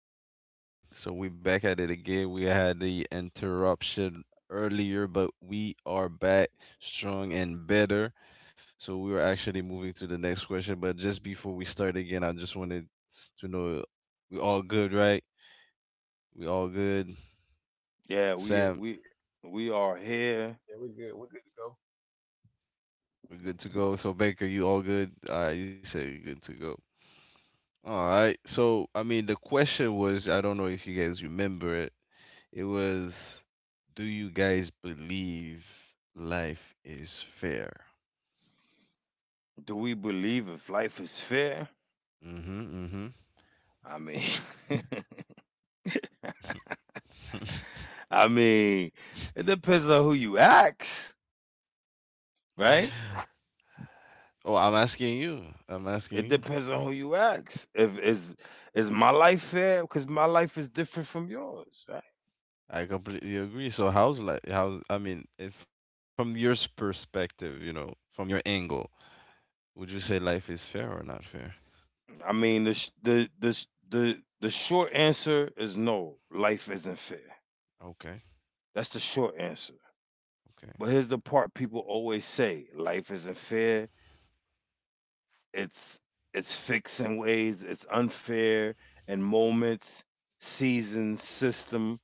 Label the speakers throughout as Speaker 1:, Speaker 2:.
Speaker 1: again. So we back at it again. We had the interruption earlier, but we are back strong and better. So we are actually moving to the next question. But just before we start again, I just wanted to know we all good, right? We all good.
Speaker 2: Yeah, we
Speaker 1: Sam,
Speaker 2: we we are here.
Speaker 3: Yeah, we're good. We're good to go.
Speaker 1: we're good to go. So Baker, you all good? All right, you said you're good to go. All right. So I mean, the question was, I don't know if you guys remember it. It was, do you guys believe life is fair?
Speaker 2: Do we believe if life is fair?
Speaker 1: Mm-hmm, mm-hmm.
Speaker 2: I mean, I mean, it depends on who you ask, right?
Speaker 1: Oh, I'm asking you. I'm asking
Speaker 2: It
Speaker 1: you.
Speaker 2: depends on who you ask. If is my life fair? Because my life is different from yours, right?
Speaker 1: I completely agree. So how's life? How's I mean, from your perspective, you know, from your angle, would you say life is fair or not fair?
Speaker 2: I mean, the sh- the sh- the short answer is no. Life isn't fair.
Speaker 1: Okay,
Speaker 2: That's the short answer.
Speaker 1: okay.
Speaker 2: But here's the part people always say: life isn't fair. It's it's fixing ways, it's unfair and moments, seasons, system,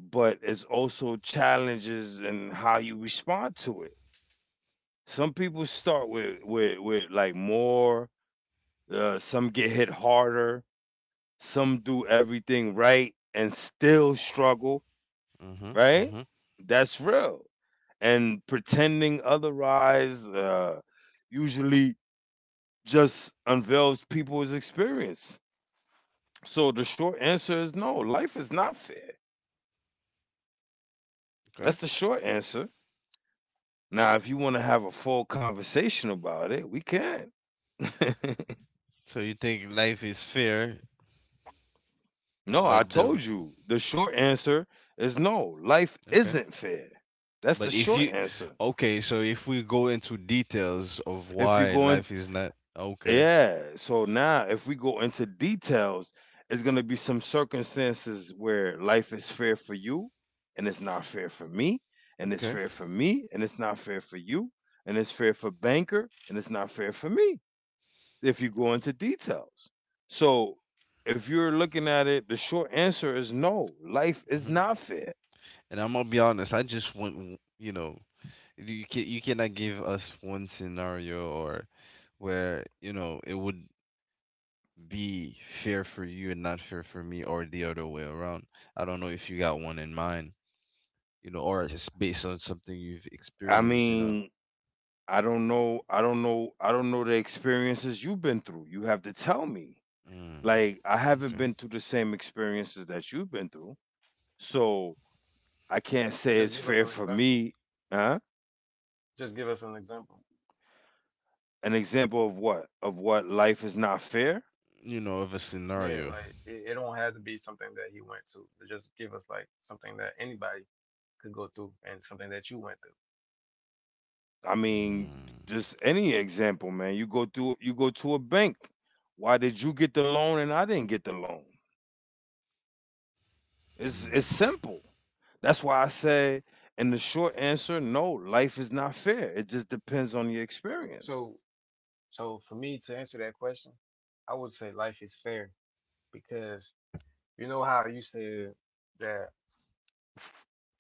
Speaker 2: but it's also challenges and how you respond to it. Some people start with like more, some get hit harder, some do everything right and still struggle,
Speaker 1: Mm-hmm,
Speaker 2: right?
Speaker 1: mm-hmm.
Speaker 2: That's real. And pretending otherwise usually just unveils people's experience. So the short answer is no, life is not fair. That's
Speaker 1: Okay.
Speaker 2: the short answer. Now, if you want to have a full conversation about it, we can.
Speaker 1: So you think life is fair,
Speaker 2: No, I
Speaker 1: but the r-
Speaker 2: told you. The short answer is no, life
Speaker 1: okay.
Speaker 2: isn't fair. That's the
Speaker 1: But if
Speaker 2: short
Speaker 1: you,
Speaker 2: answer.
Speaker 1: okay, so if we go into details of
Speaker 2: If you
Speaker 1: why
Speaker 2: go in.
Speaker 1: life is not okay,
Speaker 2: Yeah, so now, if we go into details, it's going to be some circumstances where life is fair for you and it's not fair for me, and it's
Speaker 1: okay.
Speaker 2: fair for me and it's not fair for you, and it's fair for banker and it's not fair for me if you go into details. So, if you're looking at it, the short answer is no. Life is
Speaker 1: Hmm.
Speaker 2: not fair.
Speaker 1: And I'm gonna be honest, I just want, you know, you cannot give us one scenario or where it would be fair for you and not fair for me or the other way around. I don't know if you got one in mind, you know, or just based on something you've
Speaker 2: I
Speaker 1: experienced.
Speaker 2: mean, I don't know. I don't know. I don't know the experiences you've been through. You have to tell me.
Speaker 1: Mm,
Speaker 2: Like, I haven't
Speaker 1: okay,
Speaker 2: been through the same experiences that you've been through, so I can't
Speaker 3: So
Speaker 2: say it's
Speaker 3: just give
Speaker 2: fair
Speaker 3: us an
Speaker 2: for me.
Speaker 3: example.
Speaker 2: Huh?
Speaker 3: Just give us an example.
Speaker 2: An example of what? Of what life is not fair?
Speaker 1: of a
Speaker 3: Yeah,
Speaker 1: scenario.
Speaker 3: like it don't have to be something that he went to. But just give us like something that anybody could go through and something that you went through.
Speaker 2: I mean,
Speaker 1: Mm,
Speaker 2: just any example, man. You go to a bank. Why did you get the loan and I didn't get the loan? It's
Speaker 1: mm.
Speaker 2: simple. That's why I say in the short answer, no, life is not fair. It just depends on your experience.
Speaker 3: So so for me to answer that question, I would say life is fair because you know how you said that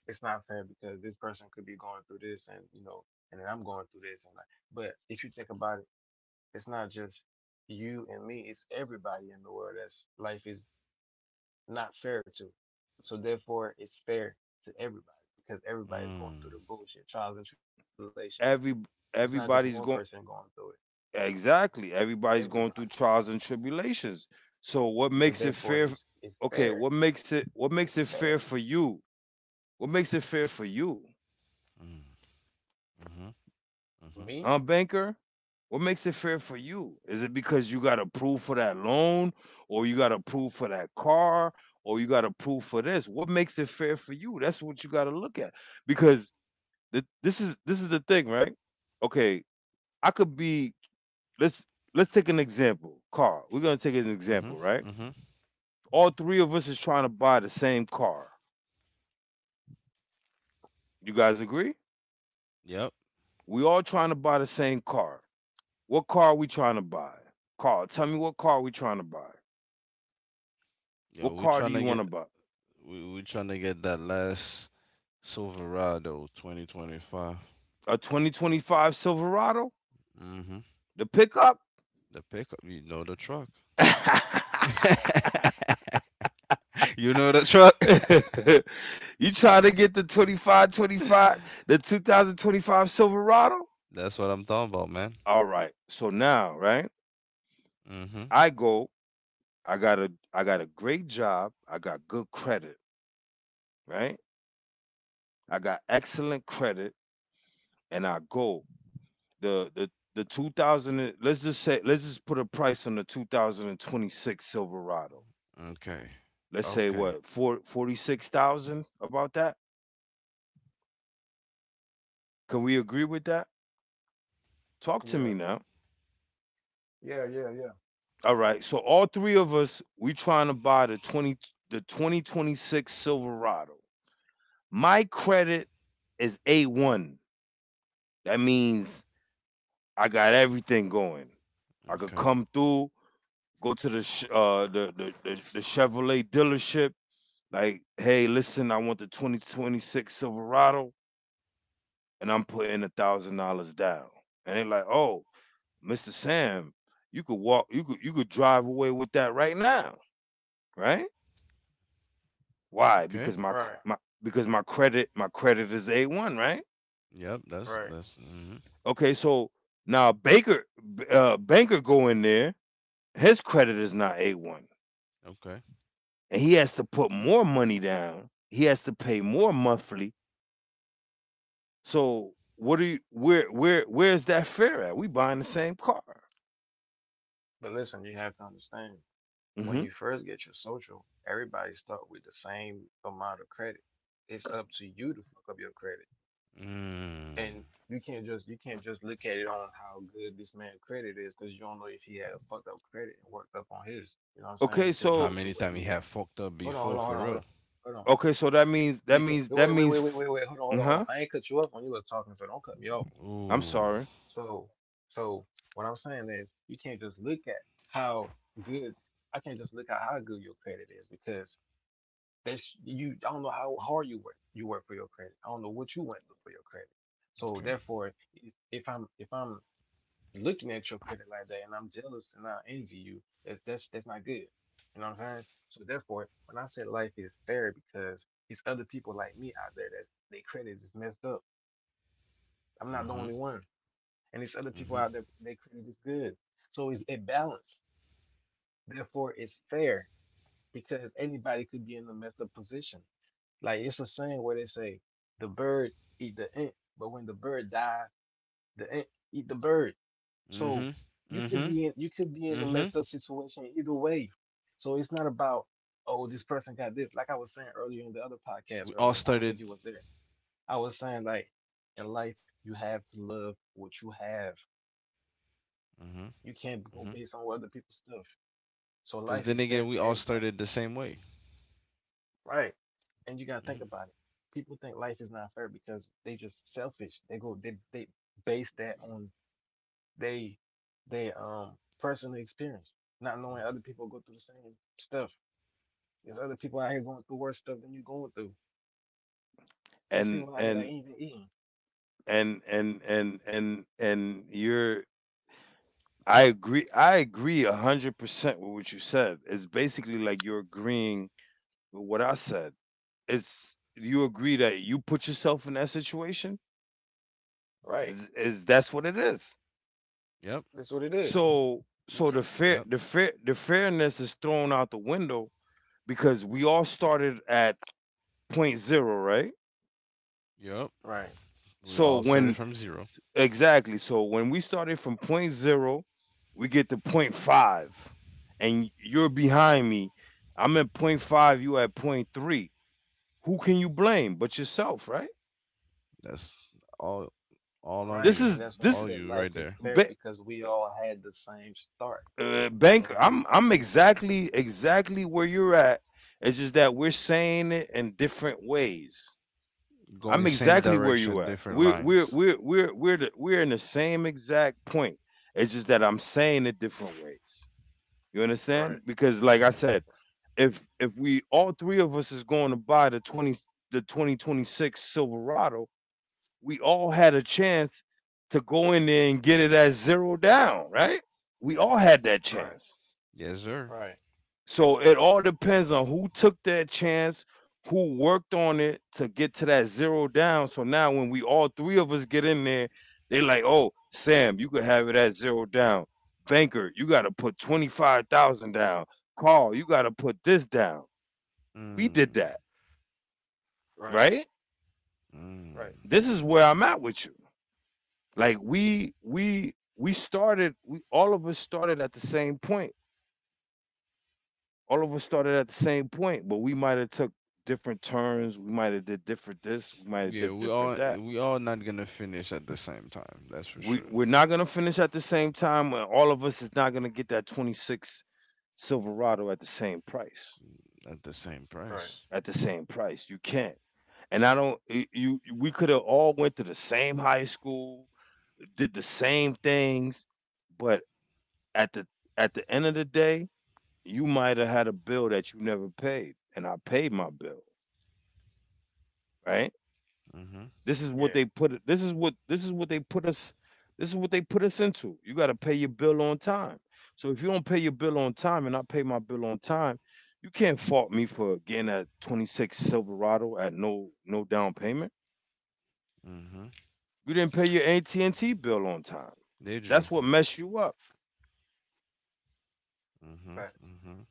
Speaker 3: it's not fair because this person could be going through this, and you know, and then I'm going through this and like, but if you think about it, it's not just you and me, it's everybody in the world that's life is not fair to. So therefore, it's fair to everybody because everybody's going through
Speaker 1: Mm,
Speaker 3: the bullshit, trials and tribulations.
Speaker 2: Every
Speaker 3: It's not just one
Speaker 2: everybody's
Speaker 3: person
Speaker 2: going
Speaker 3: going through
Speaker 2: Exactly.
Speaker 3: it.
Speaker 2: Everybody's
Speaker 3: Everybody.
Speaker 2: going through trials and tribulations. So what
Speaker 3: So
Speaker 2: makes it
Speaker 3: therefore,
Speaker 2: fair?
Speaker 3: it's
Speaker 2: Okay,
Speaker 3: fair.
Speaker 2: what
Speaker 3: It's
Speaker 2: makes it
Speaker 3: fair
Speaker 2: fair for you? What makes it fair for you?
Speaker 1: mm, mhm,
Speaker 3: for
Speaker 1: mhm,
Speaker 3: me.
Speaker 2: Huh, banker? What makes it fair for you? Is it because you got approved for that loan or you got approved for that car or you got approved for this? What makes it fair for you? That's what you got to look at. Because this is the thing, right? Okay, I could be, let's let's take an example. Car. We're going to take an example,
Speaker 1: mhm,
Speaker 2: right?
Speaker 1: mhm.
Speaker 2: All three of us is trying to buy the same car. You guys agree?
Speaker 1: Yep.
Speaker 2: We all trying to buy the same car. What car are we trying to buy? Carl, tell me what car we trying to buy.
Speaker 1: Yo,
Speaker 2: What
Speaker 1: we
Speaker 2: car do
Speaker 1: trying
Speaker 2: you
Speaker 1: to get
Speaker 2: want to buy?
Speaker 1: we we trying to get that last Silverado 2025.
Speaker 2: A 2025 Silverado?
Speaker 1: Mm-hmm.
Speaker 2: The pickup?
Speaker 1: The pickup, you know the truck. You know the truck.
Speaker 2: You trying to get the 25 25 the 2025 Silverado?
Speaker 1: That's what I'm talking about, man.
Speaker 2: All right. So now, right?
Speaker 1: Mm-hmm.
Speaker 2: I go, I got a great job, I got good credit, right? I got excellent credit and I go. The the the 2000 and- Let's just say let's just put a price on the 2026 Silverado.
Speaker 1: Okay.
Speaker 2: Let's say
Speaker 1: Okay.
Speaker 2: what? Four forty six thousand, about that? Can we agree with that? Talk to me
Speaker 3: Yeah,
Speaker 2: now.
Speaker 3: yeah, yeah, yeah.
Speaker 2: All right. So all three of us we trying to buy the 2026 Silverado. My credit is A1. That means I got everything going. I could
Speaker 1: Okay.
Speaker 2: come through. Go to the sh- the Chevrolet dealership. Like, hey, listen, I want the 2026 Silverado, and I'm putting $1,000 down. And they're like, oh, Mr. Sam, you could walk, you could drive away with that right now, right? Why?
Speaker 1: Okay.
Speaker 3: Right,
Speaker 2: Because my credit is a one, right?
Speaker 1: Yep. That's
Speaker 3: right.
Speaker 1: that's. Mm-hmm.
Speaker 2: Okay, so now banker go in there, his credit is not a one,
Speaker 1: Okay.
Speaker 2: and he has to put more money down. He has to pay more monthly. So what do you where where's that fair at? We buying the same car.
Speaker 3: But listen, you have to understand, when
Speaker 2: Hmm.
Speaker 3: you first get your social, everybody start with the same amount of credit. It's up to you to fuck up your credit.
Speaker 1: Mm.
Speaker 3: And you can't just look at it on how good this man's credit is, because you don't know if he had a fucked up credit and worked up on his. You know what I'm
Speaker 2: Okay,
Speaker 3: saying? To
Speaker 1: How
Speaker 2: so
Speaker 3: get to
Speaker 1: many
Speaker 3: where
Speaker 1: times he
Speaker 3: he at.
Speaker 1: have fucked up
Speaker 3: Hold on, hold
Speaker 1: before
Speaker 3: on, hold
Speaker 1: for
Speaker 3: on, hold
Speaker 1: real?
Speaker 3: on, hold on.
Speaker 2: that
Speaker 3: You can't,
Speaker 2: means that
Speaker 3: wait, wait,
Speaker 2: means
Speaker 3: wait, wait,
Speaker 2: f-
Speaker 3: wait, wait. Hold on, hold on, hold on.
Speaker 2: uh-huh.
Speaker 3: I ain't cut you up when you was talking, so don't cut me off.
Speaker 2: I'm
Speaker 1: Ooh.
Speaker 2: sorry.
Speaker 3: So, so what I'm saying is you can't just look at how good. I can't just look at how good your credit is, because that's you. I don't know how hard you work for your credit. I don't know what you went through for your credit. So
Speaker 1: Okay.
Speaker 3: therefore, if I'm looking at your credit like that and I'm jealous and I envy you, that's not good. You know what I'm saying? So therefore, when I say life is fair, because it's other people like me out there that's their credit is messed up. I'm not the
Speaker 1: Mm-hmm.
Speaker 3: only one. And it's other people
Speaker 1: Mhm.
Speaker 3: out there their credit is good. So it's a balance. Therefore it's fair, because anybody could be in a messed up position. Like it's a saying where they say the bird eat the ant, but when the bird die, the ant eat the bird. So
Speaker 1: Mhm.
Speaker 3: you could
Speaker 1: Mhm.
Speaker 3: be in you could be in a
Speaker 1: Mhm.
Speaker 3: messed up situation either way. So it's not about oh this person got this. Like I was saying earlier in the other podcast
Speaker 1: We all
Speaker 3: earlier, I don't think
Speaker 1: started.
Speaker 3: it was there. I was saying like in life you have to love what you have.
Speaker 1: Mhm.
Speaker 3: You can't go
Speaker 1: Mhm.
Speaker 3: based on what other people's stuff. So
Speaker 1: Because
Speaker 3: life
Speaker 1: then
Speaker 3: is fair
Speaker 1: again,
Speaker 3: to
Speaker 1: we all
Speaker 3: everybody,
Speaker 1: started the same way.
Speaker 3: right? And you gotta think
Speaker 1: Mhm.
Speaker 3: about it. People think life is not fair because they just selfish. They base that on they they personally experience, not knowing other people go through the same stuff. There's other people out here going through worse stuff than you going through. These
Speaker 2: And
Speaker 3: people out here that
Speaker 2: and
Speaker 3: ain't even eating.
Speaker 2: and you're I agree 100% with what you said. It's basically like you're agreeing with what I said. It's you agree that you put yourself in that situation?
Speaker 3: Right.
Speaker 2: That's what it is.
Speaker 1: Yep.
Speaker 3: That's what it is.
Speaker 2: So
Speaker 3: They
Speaker 2: so
Speaker 3: can't.
Speaker 2: the
Speaker 1: Yep.
Speaker 2: fair the fair the fairness is thrown out the window because we all started at point zero, right?
Speaker 1: Yep.
Speaker 3: Right.
Speaker 1: We all
Speaker 2: So
Speaker 1: started from
Speaker 2: when
Speaker 1: zero.
Speaker 2: Exactly, so when we started from point zero, we get to point five, and you're behind me. I'm at point five, you at point three. Who can you blame but yourself, right?
Speaker 1: That's all. All on
Speaker 3: Right.
Speaker 2: This
Speaker 1: you.
Speaker 3: And
Speaker 2: is
Speaker 3: that's why I
Speaker 1: All
Speaker 2: this
Speaker 3: said
Speaker 1: you right
Speaker 3: life is
Speaker 1: there.
Speaker 3: fair
Speaker 2: ba-
Speaker 3: because we all had the same start. And
Speaker 2: Banker,
Speaker 3: we
Speaker 2: I'm
Speaker 3: and
Speaker 2: exactly where you're at. It's just that we're saying it in different ways.
Speaker 1: Going
Speaker 2: I'm
Speaker 1: same
Speaker 2: exactly where
Speaker 1: direction,
Speaker 2: you at.
Speaker 1: different lines.
Speaker 2: We're in the same exact point. It's just that I'm saying it different ways. You
Speaker 3: right,
Speaker 2: understand? Because like I
Speaker 1: Hmm.
Speaker 2: said, if we all three of us is going to buy the 2026 Silverado, we all had a chance to go in there and get it at zero down, right? We all had that
Speaker 3: right,
Speaker 2: chance.
Speaker 1: Yes, sir.
Speaker 3: right,
Speaker 2: So it all depends on who took that chance, who worked on it to get to that zero down. So now when we all three of us get in there, they like, oh, Sam, you could have it at zero down. Banker, you gotta put 25,000 down. Carl, you gotta put this down. We did
Speaker 1: Mm.
Speaker 2: that,
Speaker 3: right,
Speaker 2: right?
Speaker 3: right,
Speaker 1: Mm.
Speaker 2: This is where I'm at with you. Like we all of us started at the same point all of us started at the same point, but we might have took different turns. We might have did different this. We might have
Speaker 1: Yeah,
Speaker 2: did
Speaker 1: we
Speaker 2: different
Speaker 1: all
Speaker 2: that.
Speaker 1: we all not gonna finish at the same time. That's for sure.
Speaker 2: We're not gonna finish at the same time. And all of us is not gonna get that 26 Silverado at the same price.
Speaker 1: At the same
Speaker 3: right.
Speaker 1: price.
Speaker 2: At the same price, you can't. And I don't. Y- You We could have all went to the same high school, did the same things, but at the at the end of the day, you might have had a bill that you never paid, and I paid my bill, right?
Speaker 1: Mhm.
Speaker 2: This is what
Speaker 3: Yeah.
Speaker 2: they put this is what this is what they put us this is what they put us into. You gotta pay your bill on time. So if you don't pay your bill on time and I pay my bill on time, you can't fault me for getting a 26 Silverado at no down payment.
Speaker 1: Mhm.
Speaker 2: You didn't pay your AT&T bill on time.
Speaker 1: Did
Speaker 2: That's
Speaker 1: you?
Speaker 2: what messed you up.
Speaker 1: Mhm.
Speaker 3: Right.
Speaker 1: Mhm.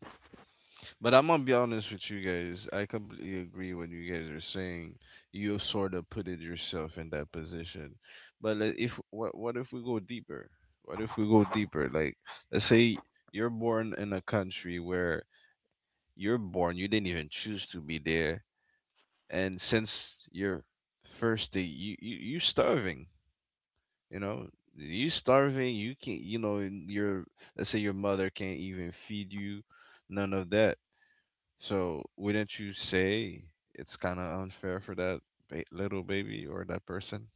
Speaker 1: But I'm gonna be honest with you guys. I completely agree what you guys are saying. You sort of put it yourself in that position. But le- if what what if we go deeper? What if we go deeper? Like let's say you're born in a country where you're born, you didn't even choose to be there, and since your first day, you starving. You know, you starving. You can't. You know, your let's say your mother can't even feed you. None of that, so wouldn't you say it's kind of unfair for that little baby or that person?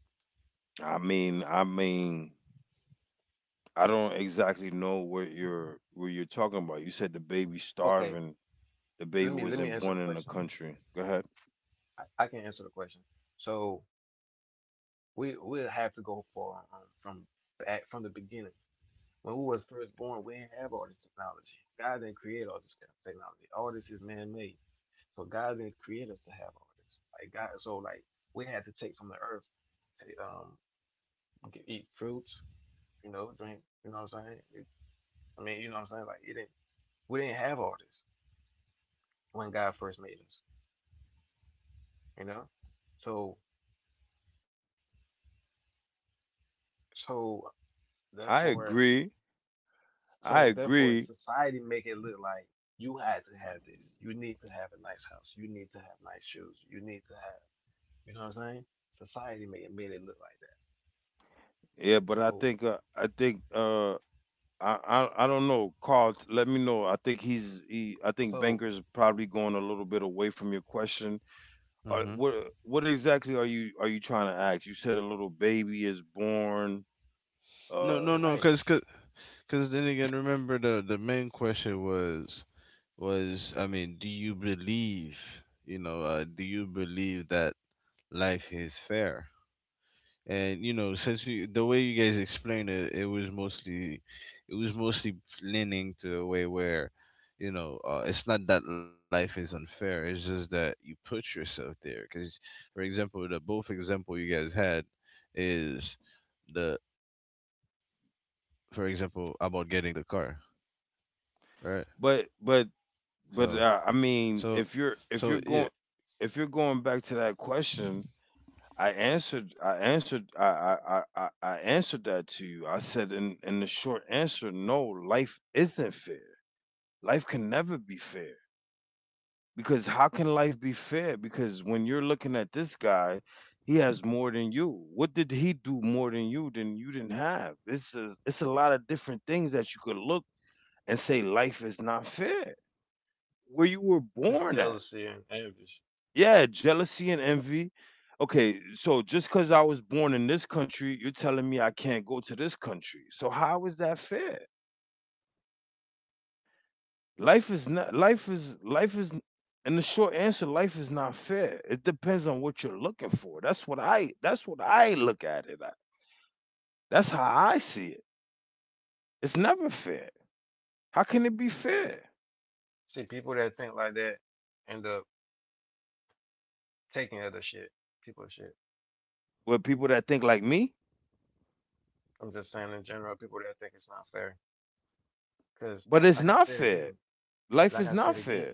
Speaker 2: I mean, I don't exactly know what you're talking about. You said the baby
Speaker 3: Okay.
Speaker 2: starving. The baby
Speaker 3: Let me
Speaker 2: wasn't
Speaker 3: answer
Speaker 2: born
Speaker 3: the
Speaker 2: in the
Speaker 3: question.
Speaker 2: country. Go ahead.
Speaker 3: I can answer the question. So, We we'll have to go for from from the beginning. When we was first born, we didn't have all this technology. God didn't create all this kind of technology. All this is man-made. So God didn't create us to have all this. Like God, so like we had to take from the earth, to eat fruits, you know, drink. You know what I'm saying? It- I mean, you know what I'm saying? Like it didn't. We didn't have all this when God first made us. You know, so so
Speaker 2: I
Speaker 3: therefore.
Speaker 2: agree. I
Speaker 3: So therefore,
Speaker 2: agree.
Speaker 3: society make it look like you had to have this. You need to have a nice house. You need to have nice shoes. You need to have, you know what I'm saying? Society made it look like that.
Speaker 2: Yeah, but
Speaker 3: So
Speaker 2: I don't know, Carl. Let me know. I think he's he. I think
Speaker 3: so
Speaker 2: Banker's probably going a little bit away from your question. Uh,
Speaker 1: Mm-hmm.
Speaker 2: what what exactly are you trying to ask? You said a little baby is born.
Speaker 1: No,
Speaker 2: Uh,
Speaker 1: no, no,
Speaker 3: right,
Speaker 1: 'cause then again, remember the main question was, I mean, do you believe, you know? Do you believe that life is fair? And you know, since you the way you guys explained it was mostly, it was mostly leaning to a way where, it's not that life is unfair, it's just that you put yourself there because, for example, the both example you guys had is, the for example about getting the car, right?
Speaker 2: but but
Speaker 1: so
Speaker 2: but I mean,
Speaker 1: so so yeah.
Speaker 2: if you're going back to that question, I answered I answered I answered that to you. I said in the short answer, no, life isn't fair. Life can never be fair because how can life be fair? Because when you're looking at this guy, he has more than you. What did he do more than you didn't have? It's a lot of different things that you could look and say life is not fair where you were
Speaker 3: just
Speaker 2: born at.
Speaker 3: jealousy and envy.
Speaker 2: Yeah, jealousy and envy. Okay, so just cuz I was born in this country you're telling me I can't go to this country, so how is that fair? Life is not life is life is and the short answer: life is not fair. It depends on what you're looking for. That's what I look at it at. That's how I see it. It's never fair. How can it be fair?
Speaker 3: See, people that think like that end up taking other shit, people shit.
Speaker 2: With people that think like me.
Speaker 3: I'm just saying in general, people that think it's not fair. Because
Speaker 2: But it's
Speaker 3: like I
Speaker 2: not
Speaker 3: said
Speaker 2: fair.
Speaker 3: again,
Speaker 2: Life
Speaker 3: like I
Speaker 2: is not
Speaker 3: said again,
Speaker 2: fair.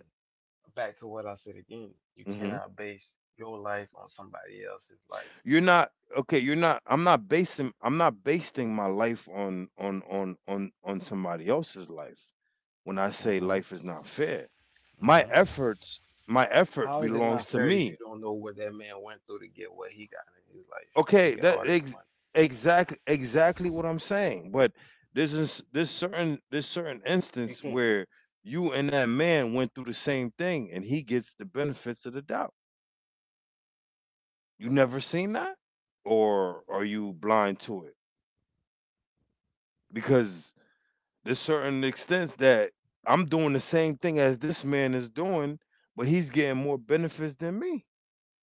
Speaker 3: back to what I said again, you
Speaker 2: Hmm.
Speaker 3: cannot base your life on somebody else's life.
Speaker 2: You're not okay, you're not I'm not basing my life on somebody else's life. When I say
Speaker 3: Mhm.
Speaker 2: life is not fair, my
Speaker 1: Mhm.
Speaker 2: efforts my effort
Speaker 3: How is it
Speaker 2: belongs
Speaker 3: not
Speaker 2: to
Speaker 3: fair if
Speaker 2: me.
Speaker 3: you don't know what that man went through to get what he got in his life, to
Speaker 2: Okay,
Speaker 3: get
Speaker 2: that
Speaker 3: all this
Speaker 2: ex-
Speaker 3: money?
Speaker 2: exactly exactly what I'm saying. But this certain
Speaker 3: You
Speaker 2: instance
Speaker 3: can't,
Speaker 2: where you and that man went through the same thing and he gets the benefits of the doubt. You never seen that? Or are you blind to it? Because There's certain extents that I'm doing the same thing as this man is doing, but he's getting more benefits than me.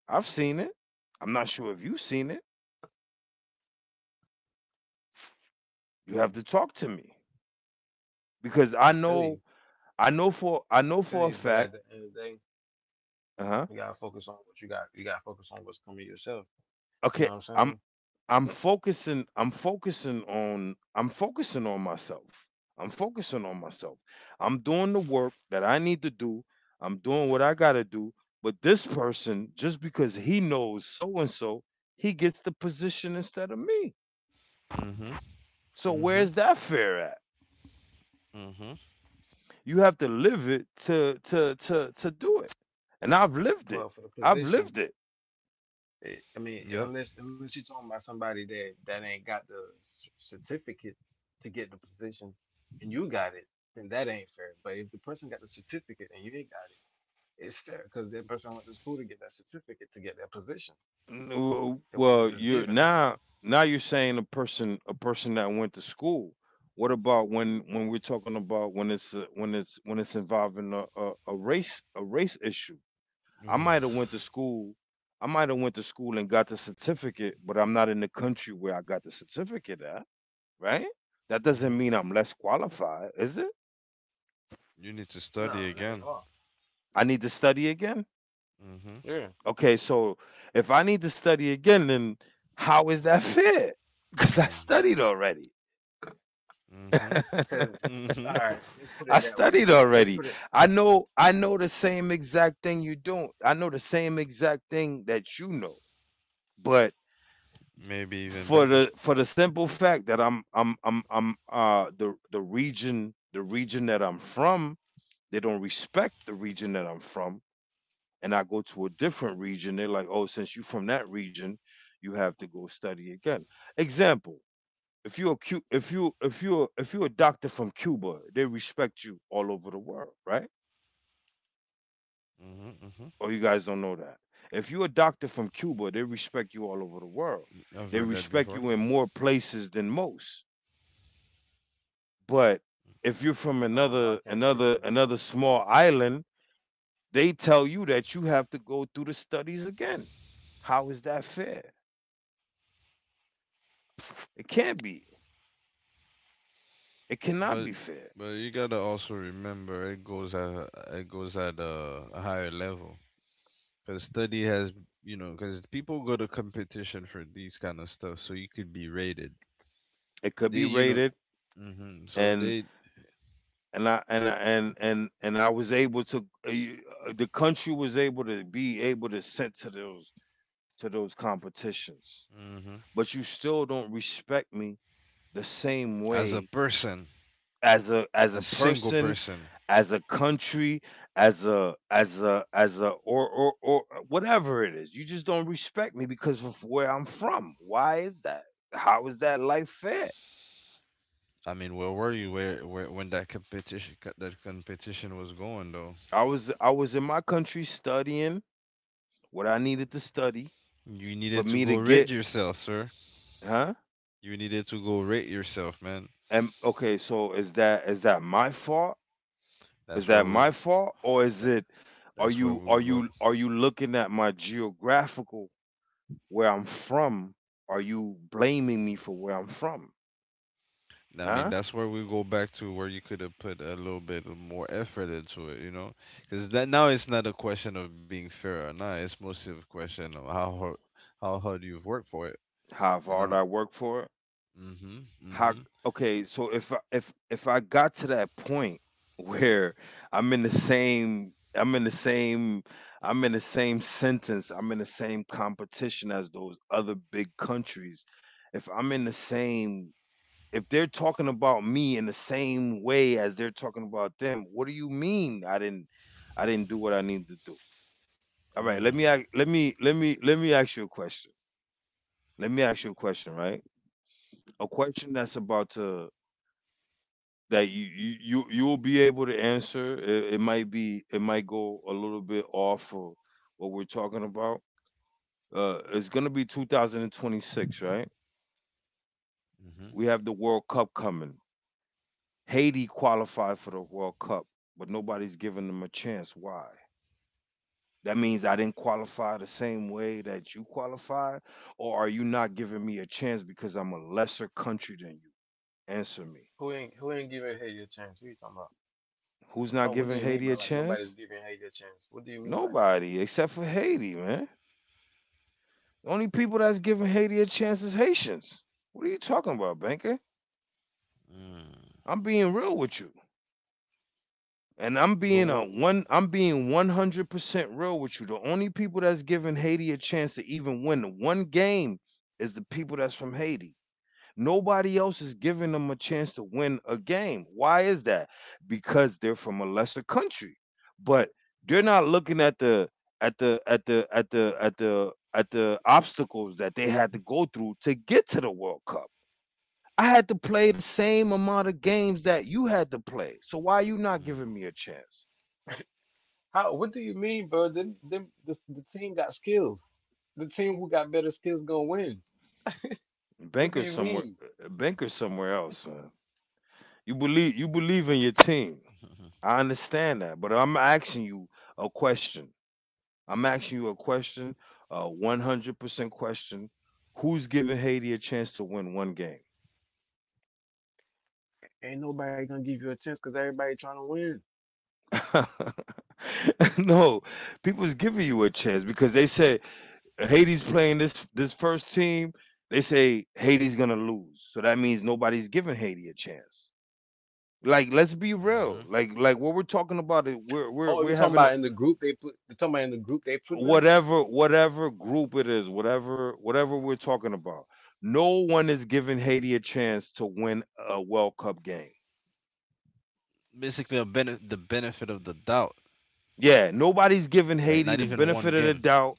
Speaker 2: I've seen it. I'm not sure if you've seen it. You have
Speaker 3: man.
Speaker 2: to talk to me because
Speaker 3: I feel you.
Speaker 2: I
Speaker 3: I
Speaker 2: know for
Speaker 3: feel
Speaker 2: a
Speaker 3: you. But
Speaker 2: fact.
Speaker 3: at the end of the day,
Speaker 2: Uh huh.
Speaker 3: you gotta focus on what you got. You gotta focus on what's coming to yourself. You
Speaker 2: Okay,
Speaker 3: know what I'm
Speaker 2: I'm
Speaker 3: saying?
Speaker 2: I'm focusing on myself. I'm focusing on myself. I'm doing the work that I need to do. I'm doing what I got to do, but this person, just because he knows so and so, he gets the position instead of me.
Speaker 1: Mhm.
Speaker 2: So
Speaker 1: Mhm.
Speaker 2: where's that fair at?
Speaker 1: Mhm.
Speaker 2: You have to live it to do it. And I've lived it.
Speaker 3: Well, for the
Speaker 2: I've lived
Speaker 3: position,
Speaker 2: it.
Speaker 3: it, I mean,
Speaker 1: Yep.
Speaker 3: unless you're talking about somebody that ain't got the certificate to get the position, and you got it, then that ain't fair. But if the person got the certificate and you ain't got it, it's fair because that person went to school to get that certificate to get that position. It wasn't
Speaker 2: Well,
Speaker 3: just
Speaker 2: you're
Speaker 3: given.
Speaker 2: now you're saying a person, a person that went to school. What about when we're talking about when it's involving a, a race, a race issue? I might have
Speaker 1: Oof.
Speaker 2: went to school. I might have went to school and got the certificate, but I'm not in the country where I got the certificate at, right? That doesn't
Speaker 1: Mhm.
Speaker 2: mean I'm less qualified, is it?
Speaker 1: You need to study
Speaker 3: No, not at
Speaker 1: again.
Speaker 3: all.
Speaker 2: I need to study again.
Speaker 1: Mhm.
Speaker 3: Yeah.
Speaker 2: Okay, so if I need to study again, then how is that fair? Because I
Speaker 1: Mm.
Speaker 2: studied already.
Speaker 1: Mhm.
Speaker 3: Cause all
Speaker 1: Mhm.
Speaker 3: right, let's put
Speaker 2: I
Speaker 3: it that way.
Speaker 2: studied
Speaker 3: Let's
Speaker 2: already.
Speaker 3: put it.
Speaker 2: I know the same exact thing you don't. I know the same exact thing that you know. But
Speaker 1: Maybe even better.
Speaker 2: for the simple fact that I'm the the region that I'm from, they don't respect the region that I'm from. And I go to a different region, they're like, oh, since you are from that region, you have to go study again. Example. If you're a if you're a doctor from Cuba, they respect you all over the world, right?
Speaker 1: Mhm. Mhm.
Speaker 2: Oh, you guys don't know that. If you're a doctor from Cuba, they respect you all over the world.
Speaker 1: I've
Speaker 2: They
Speaker 1: heard that
Speaker 2: respect
Speaker 1: before.
Speaker 2: you in more places than most. But if you're from
Speaker 3: I don't know. I can't speak on that.
Speaker 2: another small island, they tell you that you have to go through the studies again. How is that fair? It can't be. It cannot
Speaker 1: But
Speaker 2: be fair.
Speaker 1: but you gotta also remember it goes at, a higher level because study has, because people go to competition for these kind of stuff so you could be rated.
Speaker 2: It could
Speaker 1: They,
Speaker 2: be
Speaker 1: you know.
Speaker 2: rated,
Speaker 1: Mhm. So
Speaker 2: and
Speaker 1: they.
Speaker 2: and I was able to, the country was able to be able to send to those competitions,
Speaker 1: Mhm.
Speaker 2: but you still don't respect me the same
Speaker 1: As a
Speaker 2: way
Speaker 1: person,
Speaker 2: as
Speaker 1: a
Speaker 2: a
Speaker 1: single
Speaker 2: person,
Speaker 1: person.
Speaker 2: as a country, as a as a as a or whatever it is. You just don't respect me because of where I'm from. Why is that? How is that life fair?
Speaker 1: I mean, where were you where when that competition was going though?
Speaker 2: I was in my country studying what I needed to study
Speaker 1: You
Speaker 2: for
Speaker 1: needed to
Speaker 2: me to
Speaker 1: go rid
Speaker 2: get,
Speaker 1: yourself, sir.
Speaker 2: huh?
Speaker 1: You needed to go rate yourself, man.
Speaker 2: And okay, so is that my fault? Is
Speaker 1: That's why
Speaker 2: that
Speaker 1: we.
Speaker 2: my
Speaker 1: go-
Speaker 2: fault, or is
Speaker 1: tha-
Speaker 2: it, are
Speaker 1: That's where
Speaker 2: you
Speaker 1: we
Speaker 2: are
Speaker 1: go.
Speaker 2: you are you looking at my geographical, where I'm from? Are you blaming me for where I'm from?
Speaker 1: I mean,
Speaker 2: Huh?
Speaker 1: that's where we go back to where you could have put a little bit of more effort into it, you know? Because that now it's not a question of being fair or not. It's mostly a question of how hard you've worked for it,
Speaker 2: How
Speaker 1: you
Speaker 2: hard I
Speaker 1: know?
Speaker 2: work for it?
Speaker 1: Mm-hmm.
Speaker 2: How,
Speaker 1: Mm-hmm.
Speaker 2: okay, so if I got to that point where I'm in the same, I'm in the same sentence, I'm in the same competition as those other big countries. If I'm in the same, if they're talking about me in the same way as they're talking about them, what do you mean I didn't, I didn't do what I needed to do? All right,
Speaker 1: Mm.
Speaker 2: let me ask you a question. Let me ask you a question, right? A question that's about to, that you'll be able to answer. It might go a little bit off of what we're talking about. It's gonna be 2026, right?
Speaker 1: Mm-hmm.
Speaker 2: We have the World Cup coming. Haiti qualified for the World Cup, but nobody's giving them a chance. Why? That means I didn't qualify the same way that you qualified? Or are you not giving me a chance because I'm a lesser country than you? Answer me.
Speaker 3: Who ain't giving Haiti a chance? Who are you talking about?
Speaker 2: Who's not
Speaker 3: Cole, what do
Speaker 2: giving
Speaker 3: you mean
Speaker 2: Haiti
Speaker 3: by
Speaker 2: a
Speaker 3: like nobody's
Speaker 2: chance?
Speaker 3: giving Haiti a chance? What do you mean by that?
Speaker 2: Nobody except for Haiti, man. The only people that's giving Haiti a chance is Haitians. What are you talking about, Banker?
Speaker 1: Mm.
Speaker 2: I'm being real with you. And
Speaker 1: But what?
Speaker 2: I'm being 100% real with you. The only people that's giving Haiti a chance to even win the one game is the people that's from Haiti. Nobody else is giving them a chance to win a game. Why is that? Because they're from a lesser country. But they're not looking at the at the at the at the at the at the obstacles that they had to go through to get to the World Cup. I had to play the same amount of games that
Speaker 1: Mm.
Speaker 2: you had to play. So why are you not giving me a chance?
Speaker 3: How? What do you mean, bro? Then them, the team got skills. The team who got better skills gonna win. What do
Speaker 2: Bankers
Speaker 3: you
Speaker 2: somewhere,
Speaker 3: mean?
Speaker 2: Bankers somewhere else, man. You believe, you believe in your team. I understand that, but I'm asking you a question. I'm asking you a question, a 100% question. Who's giving Haiti a chance to win one game?
Speaker 3: Ain't nobody gonna give you a chance because everybody trying to win.
Speaker 2: No, people's giving you a chance because they say Haiti's playing this first team. They say Haiti's gonna lose, so that means nobody's giving Haiti a chance. Like let's be
Speaker 1: Mm-hmm.
Speaker 2: real, like what we're talking about is
Speaker 3: Oh, you
Speaker 2: we're
Speaker 3: talking
Speaker 2: having a-
Speaker 3: about in the group they put? You talking about in the group they put them?
Speaker 2: whatever group it is, whatever we're talking about, no one is giving Haiti a chance to win a World Cup game.
Speaker 1: Basically, a the benefit of the doubt.
Speaker 2: Yeah,
Speaker 1: Like
Speaker 2: nobody's
Speaker 1: not
Speaker 2: giving
Speaker 1: even
Speaker 2: Haiti
Speaker 1: one
Speaker 2: the
Speaker 1: game.
Speaker 2: benefit of the doubt.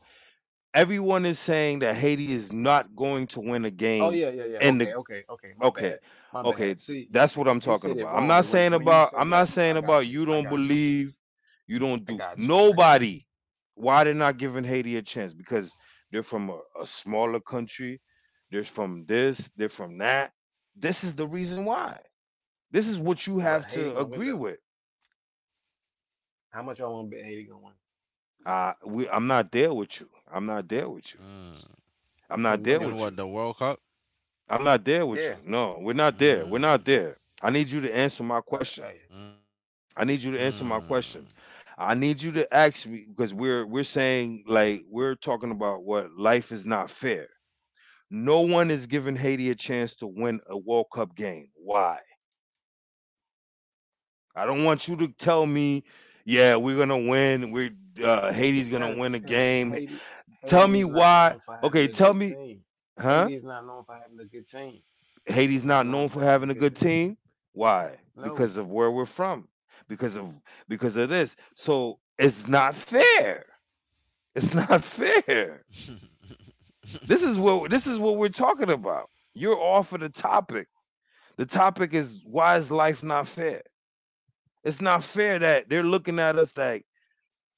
Speaker 2: Everyone is saying that Haiti is not going to win a
Speaker 3: Oh
Speaker 2: game
Speaker 3: yeah, yeah, yeah.
Speaker 2: in the
Speaker 3: Okay, okay, okay. My
Speaker 2: Okay.
Speaker 3: bad. My
Speaker 2: Okay,
Speaker 3: bad.
Speaker 2: it's,
Speaker 3: See, you
Speaker 2: that's what
Speaker 3: you
Speaker 2: I'm
Speaker 3: you
Speaker 2: talking
Speaker 3: said it
Speaker 2: about.
Speaker 3: wrong. When when you
Speaker 2: I'm
Speaker 3: said
Speaker 2: not
Speaker 3: that,
Speaker 2: saying
Speaker 3: I
Speaker 2: about
Speaker 3: got
Speaker 2: you
Speaker 3: you. I
Speaker 2: don't
Speaker 3: got you.
Speaker 2: believe, you don't
Speaker 3: I
Speaker 2: do.
Speaker 3: got you. I got you.
Speaker 2: Nobody, why they're not giving Haiti a chance, because they're from a smaller country. They're from this, they're from that. This is the reason why. This is
Speaker 3: But
Speaker 2: what you
Speaker 3: Haiti
Speaker 2: have
Speaker 3: gonna win
Speaker 2: to
Speaker 3: though.
Speaker 2: agree with.
Speaker 3: How much y'all want to bet Haiti gonna win?
Speaker 2: I'm not there with you. I'm not there with you.
Speaker 1: Mm.
Speaker 3: I'm
Speaker 2: I'm
Speaker 3: putting
Speaker 2: not
Speaker 3: money
Speaker 2: there
Speaker 3: on
Speaker 1: When
Speaker 3: it.
Speaker 2: with
Speaker 1: what the
Speaker 2: you.
Speaker 1: World Cup?
Speaker 2: I'm not there with
Speaker 3: Yeah.
Speaker 2: you. No, we're not there. We're
Speaker 1: Mm,
Speaker 2: not there. I need you to answer my question.
Speaker 3: Hey,
Speaker 2: I
Speaker 1: mm,
Speaker 2: need you to answer my question. I need you to ask me because we're saying like we're talking about what life is not fair. No one is giving Haiti a chance to win a World Cup game. Why? I don't want you to tell me, yeah, we're gonna win. We're Haiti's gonna
Speaker 3: cause
Speaker 2: win a
Speaker 3: cause
Speaker 2: game.
Speaker 3: Haiti
Speaker 2: Tell
Speaker 3: Haiti is
Speaker 2: me
Speaker 3: not
Speaker 2: why.
Speaker 3: known for having
Speaker 2: Okay,
Speaker 3: a
Speaker 2: tell
Speaker 3: good
Speaker 2: me,
Speaker 3: team. Haiti
Speaker 2: huh?
Speaker 3: is not known for having a good team. It's
Speaker 2: Haiti's
Speaker 3: not
Speaker 2: not
Speaker 3: known
Speaker 2: known
Speaker 3: for
Speaker 2: for
Speaker 3: having a
Speaker 2: having a
Speaker 3: good
Speaker 2: good
Speaker 3: team.
Speaker 2: team. Why?
Speaker 3: No.
Speaker 2: Because of where we're from. Because of, because of this. So it's not fair. It's not fair. This is what we're talking about. You're off of the topic. The topic is why is life not fair? It's not fair that they're looking at us like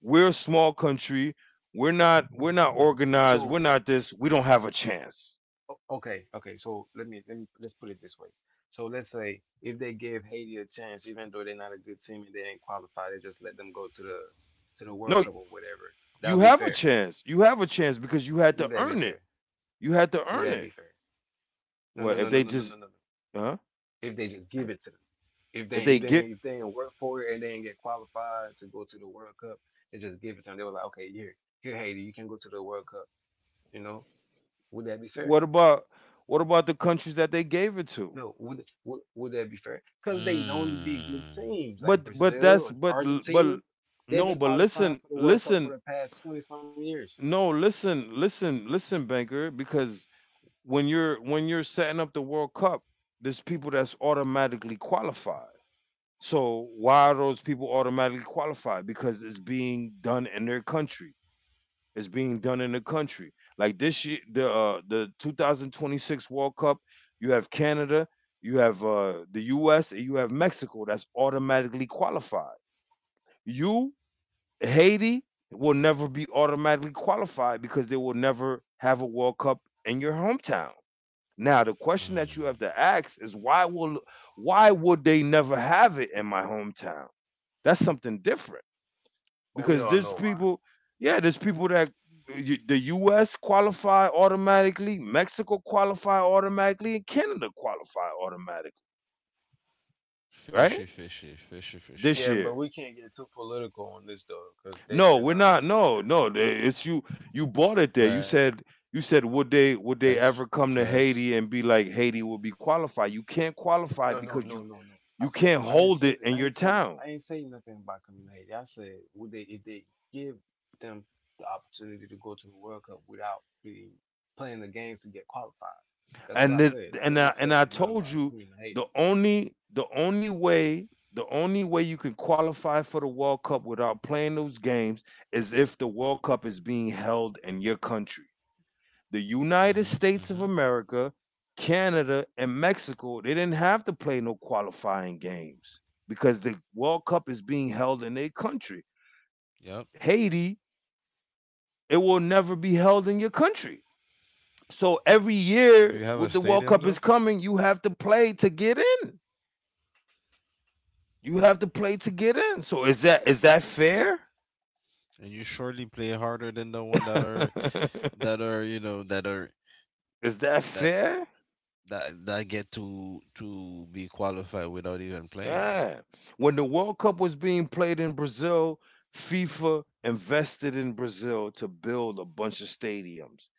Speaker 2: we're a small country. We're not organized. We're
Speaker 3: So
Speaker 2: not this. We don't have a chance.
Speaker 3: O- Okay, okay. So let me let's put it this way. So let's say if they gave Haiti a chance, even though they're not a good team and they ain't qualified, they just let them go to the World
Speaker 2: No,
Speaker 3: Cup or whatever. That would
Speaker 2: you
Speaker 3: be
Speaker 2: have a
Speaker 3: fair.
Speaker 2: chance. You have a chance because you had
Speaker 3: Would
Speaker 2: to
Speaker 3: that be
Speaker 2: earn it.
Speaker 3: fair?
Speaker 2: You had to
Speaker 3: Would
Speaker 2: earn
Speaker 3: that be
Speaker 2: it.
Speaker 3: fair? No,
Speaker 2: Well,
Speaker 3: no, no,
Speaker 2: if
Speaker 3: no,
Speaker 2: they
Speaker 3: no, no, no,
Speaker 2: just,
Speaker 3: no, no.
Speaker 2: huh?
Speaker 3: If they just give it to them, if they
Speaker 2: If they
Speaker 3: if they
Speaker 2: get,
Speaker 3: ain't- if they ain't work for it and they ain't get qualified to go to the World Cup, they just give it to them. They were like, okay, here, here, Haiti, you can go to the World Cup. You know, would that be fair?
Speaker 2: what about what about the countries that they gave it to?
Speaker 3: No, would that be fair? Because they known to be good
Speaker 1: mm,
Speaker 3: teams like
Speaker 2: But
Speaker 3: Brazil
Speaker 2: that's
Speaker 3: or
Speaker 2: but
Speaker 3: Argentina.
Speaker 2: l-
Speaker 3: They've
Speaker 2: no,
Speaker 3: been
Speaker 2: but
Speaker 3: qualifying
Speaker 2: listen,
Speaker 3: for the World Cup for the past twenty some years.
Speaker 2: no, listen, banker, because when you're setting up the World Cup, there's people that's automatically qualified. So why are those people automatically qualified? Because it's being done in their country. It's being done in the country. Like this year, the 2026 World Cup, you have Canada, you have the U.S., and you have Mexico. That's automatically qualified. You Haiti will never be automatically qualified because they will never have a World Cup in your hometown. Now, the question that
Speaker 1: mm.
Speaker 2: you have to ask is why will, why would they never have it in my hometown? That's something different
Speaker 3: But we
Speaker 2: because
Speaker 3: all
Speaker 2: there's
Speaker 3: know why.
Speaker 2: people, yeah, there's people that, the U.S. qualify automatically, Mexico qualify automatically, and Canada qualify automatically,
Speaker 1: Fishy, fishy,
Speaker 2: right?
Speaker 1: fishy, fishy.
Speaker 2: This
Speaker 3: Yeah, but
Speaker 2: year,
Speaker 3: we can't get too political on this though, because they
Speaker 2: No,
Speaker 3: said
Speaker 2: we're
Speaker 3: on the
Speaker 2: not. No, no.
Speaker 3: podcast.
Speaker 1: Facts,
Speaker 2: It's you. You
Speaker 1: facts.
Speaker 2: bought it there. You said. You said would they, would they ever come to Haiti and be like, Haiti will be qualified? You can't qualify
Speaker 3: No, no,
Speaker 2: because you
Speaker 3: no, no, no. I
Speaker 2: you
Speaker 3: said
Speaker 2: can't
Speaker 3: I didn't
Speaker 2: hold
Speaker 3: say
Speaker 2: it in
Speaker 3: I
Speaker 2: your
Speaker 3: didn't say
Speaker 2: town.
Speaker 3: I ain't say nothing about community. I said would they, if they give them the opportunity to go to the World Cup without being playing the games to get qualified. That's what I
Speaker 2: And it,
Speaker 3: said. I
Speaker 2: and
Speaker 3: never
Speaker 2: I and
Speaker 3: said
Speaker 2: I
Speaker 3: nothing
Speaker 2: told
Speaker 3: about
Speaker 2: you
Speaker 3: community.
Speaker 2: the only, the only way you can qualify for the World Cup without playing those games is if the World Cup is being held in your country. The
Speaker 1: Mhm,
Speaker 2: United
Speaker 1: mhm.
Speaker 2: States of America, Canada, and Mexico, they didn't have to play no qualifying games because the World Cup is being held in their country.
Speaker 1: Yep.
Speaker 2: Haiti, it will never be held in your country. So every
Speaker 1: Do you
Speaker 2: year
Speaker 1: have a
Speaker 2: with the World
Speaker 1: stadium
Speaker 2: Cup
Speaker 1: though?
Speaker 2: is coming, you have to play to get in. You have to play to get in. So is that fair?
Speaker 1: And you surely play harder than the one that are, that are you know that are
Speaker 2: Is that
Speaker 1: that
Speaker 2: fair?
Speaker 1: that get to be qualified without even playing.
Speaker 2: Yeah. When the World Cup was being played in Brazil, FIFA invested in Brazil to build a bunch of stadiums.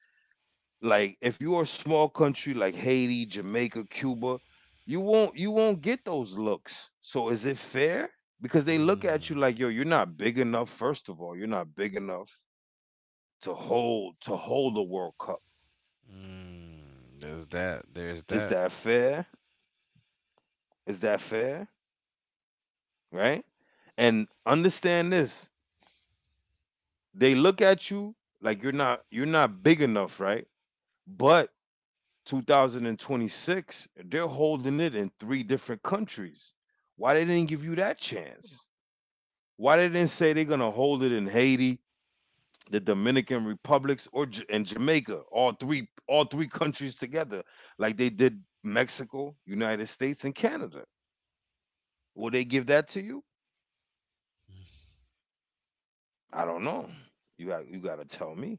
Speaker 2: Like if you're a small country like Haiti, Jamaica, Cuba, you won't get those looks. So is it fair? Because they look at you
Speaker 1: Mm,
Speaker 2: like, yo, you're not big enough, first of all. You're not big enough to hold, to hold a World Cup.
Speaker 1: mm. There's that. There's
Speaker 2: Is
Speaker 1: that.
Speaker 2: that fair? Is that fair? Right? And understand this. They look at you like you're not big enough, right? But 2026, they're holding it in three different countries. Why they didn't give you that chance? Why they didn't say they're gonna hold it in Haiti, the Dominican Republics, or J- and Jamaica? All three countries together, like they did Mexico, United States, and Canada. Will they give that to you? I don't know. You got, you got to tell me.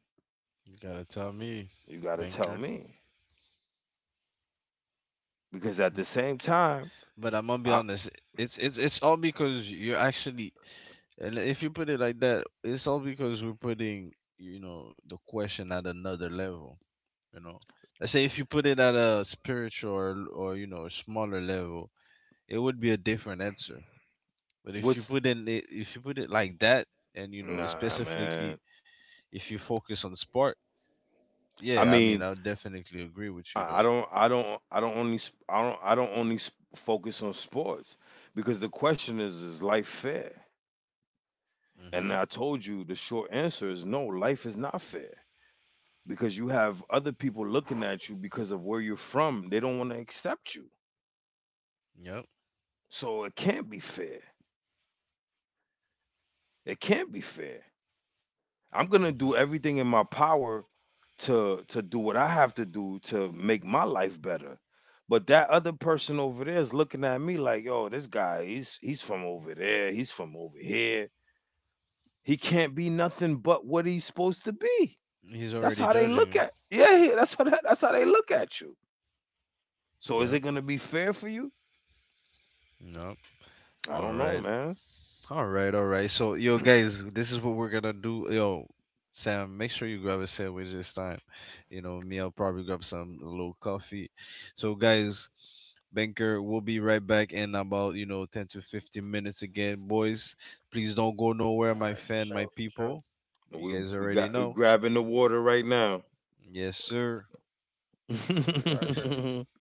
Speaker 1: You gotta tell me,
Speaker 2: You got to tell
Speaker 1: banker.
Speaker 2: me because at the same time,
Speaker 1: But I'm gonna be
Speaker 2: I,
Speaker 1: honest. It's all because you're actually, and if you put it like that, it's all because we're putting, the question at another level. You know, let's say if you put it at a spiritual, or smaller level, it would be a different answer. But if you
Speaker 2: what's,
Speaker 1: put in it, if you put it like that, and
Speaker 2: nah,
Speaker 1: specifically
Speaker 2: man.
Speaker 1: if you focus on sport,
Speaker 2: I
Speaker 1: yeah, I mean
Speaker 2: mean,
Speaker 1: I'll definitely agree with you though.
Speaker 2: I don't only, focus on sports because the question is life fair? And
Speaker 1: Mhm.
Speaker 2: I told you the short answer is no. Life is not fair because you have other people looking at you because of where you're from. They don't want to accept you,
Speaker 1: Yep.
Speaker 2: so it can't be fair. It can't be fair. I'm gonna
Speaker 1: Mhm.
Speaker 2: do everything in my power to do what I have to do to make my life better. But that other person over there is looking at me like, yo, this guy, he's from over there, he's from over here. He can't be nothing but what he's supposed to be.
Speaker 1: He's
Speaker 2: That's
Speaker 1: already
Speaker 2: how they look
Speaker 1: judging
Speaker 2: at. Yeah, yeah, that's how that's how they look at you.
Speaker 1: you.
Speaker 2: So is
Speaker 1: Yep.
Speaker 2: it gonna be fair for you?
Speaker 1: Yep.
Speaker 2: I
Speaker 1: All
Speaker 2: don't know,
Speaker 1: right.
Speaker 2: man.
Speaker 1: All right, all right. So, yo, guys, this is what we're gonna do. Yo, Sam, make sure you grab a sandwich this time. You know, me, I'll probably grab some low coffee. So, guys, Banker, we'll be right back in about, you know, 10 to 15 minutes again. Boys, please don't go
Speaker 3: All
Speaker 1: nowhere, my
Speaker 3: right, for
Speaker 1: fan,
Speaker 3: sure,
Speaker 1: my
Speaker 3: for sure.
Speaker 1: people. You
Speaker 2: We
Speaker 1: guys
Speaker 2: we
Speaker 1: already
Speaker 2: got we
Speaker 1: know.
Speaker 2: grabbing the water right now.
Speaker 1: Yes, sir.
Speaker 3: We'll be right back.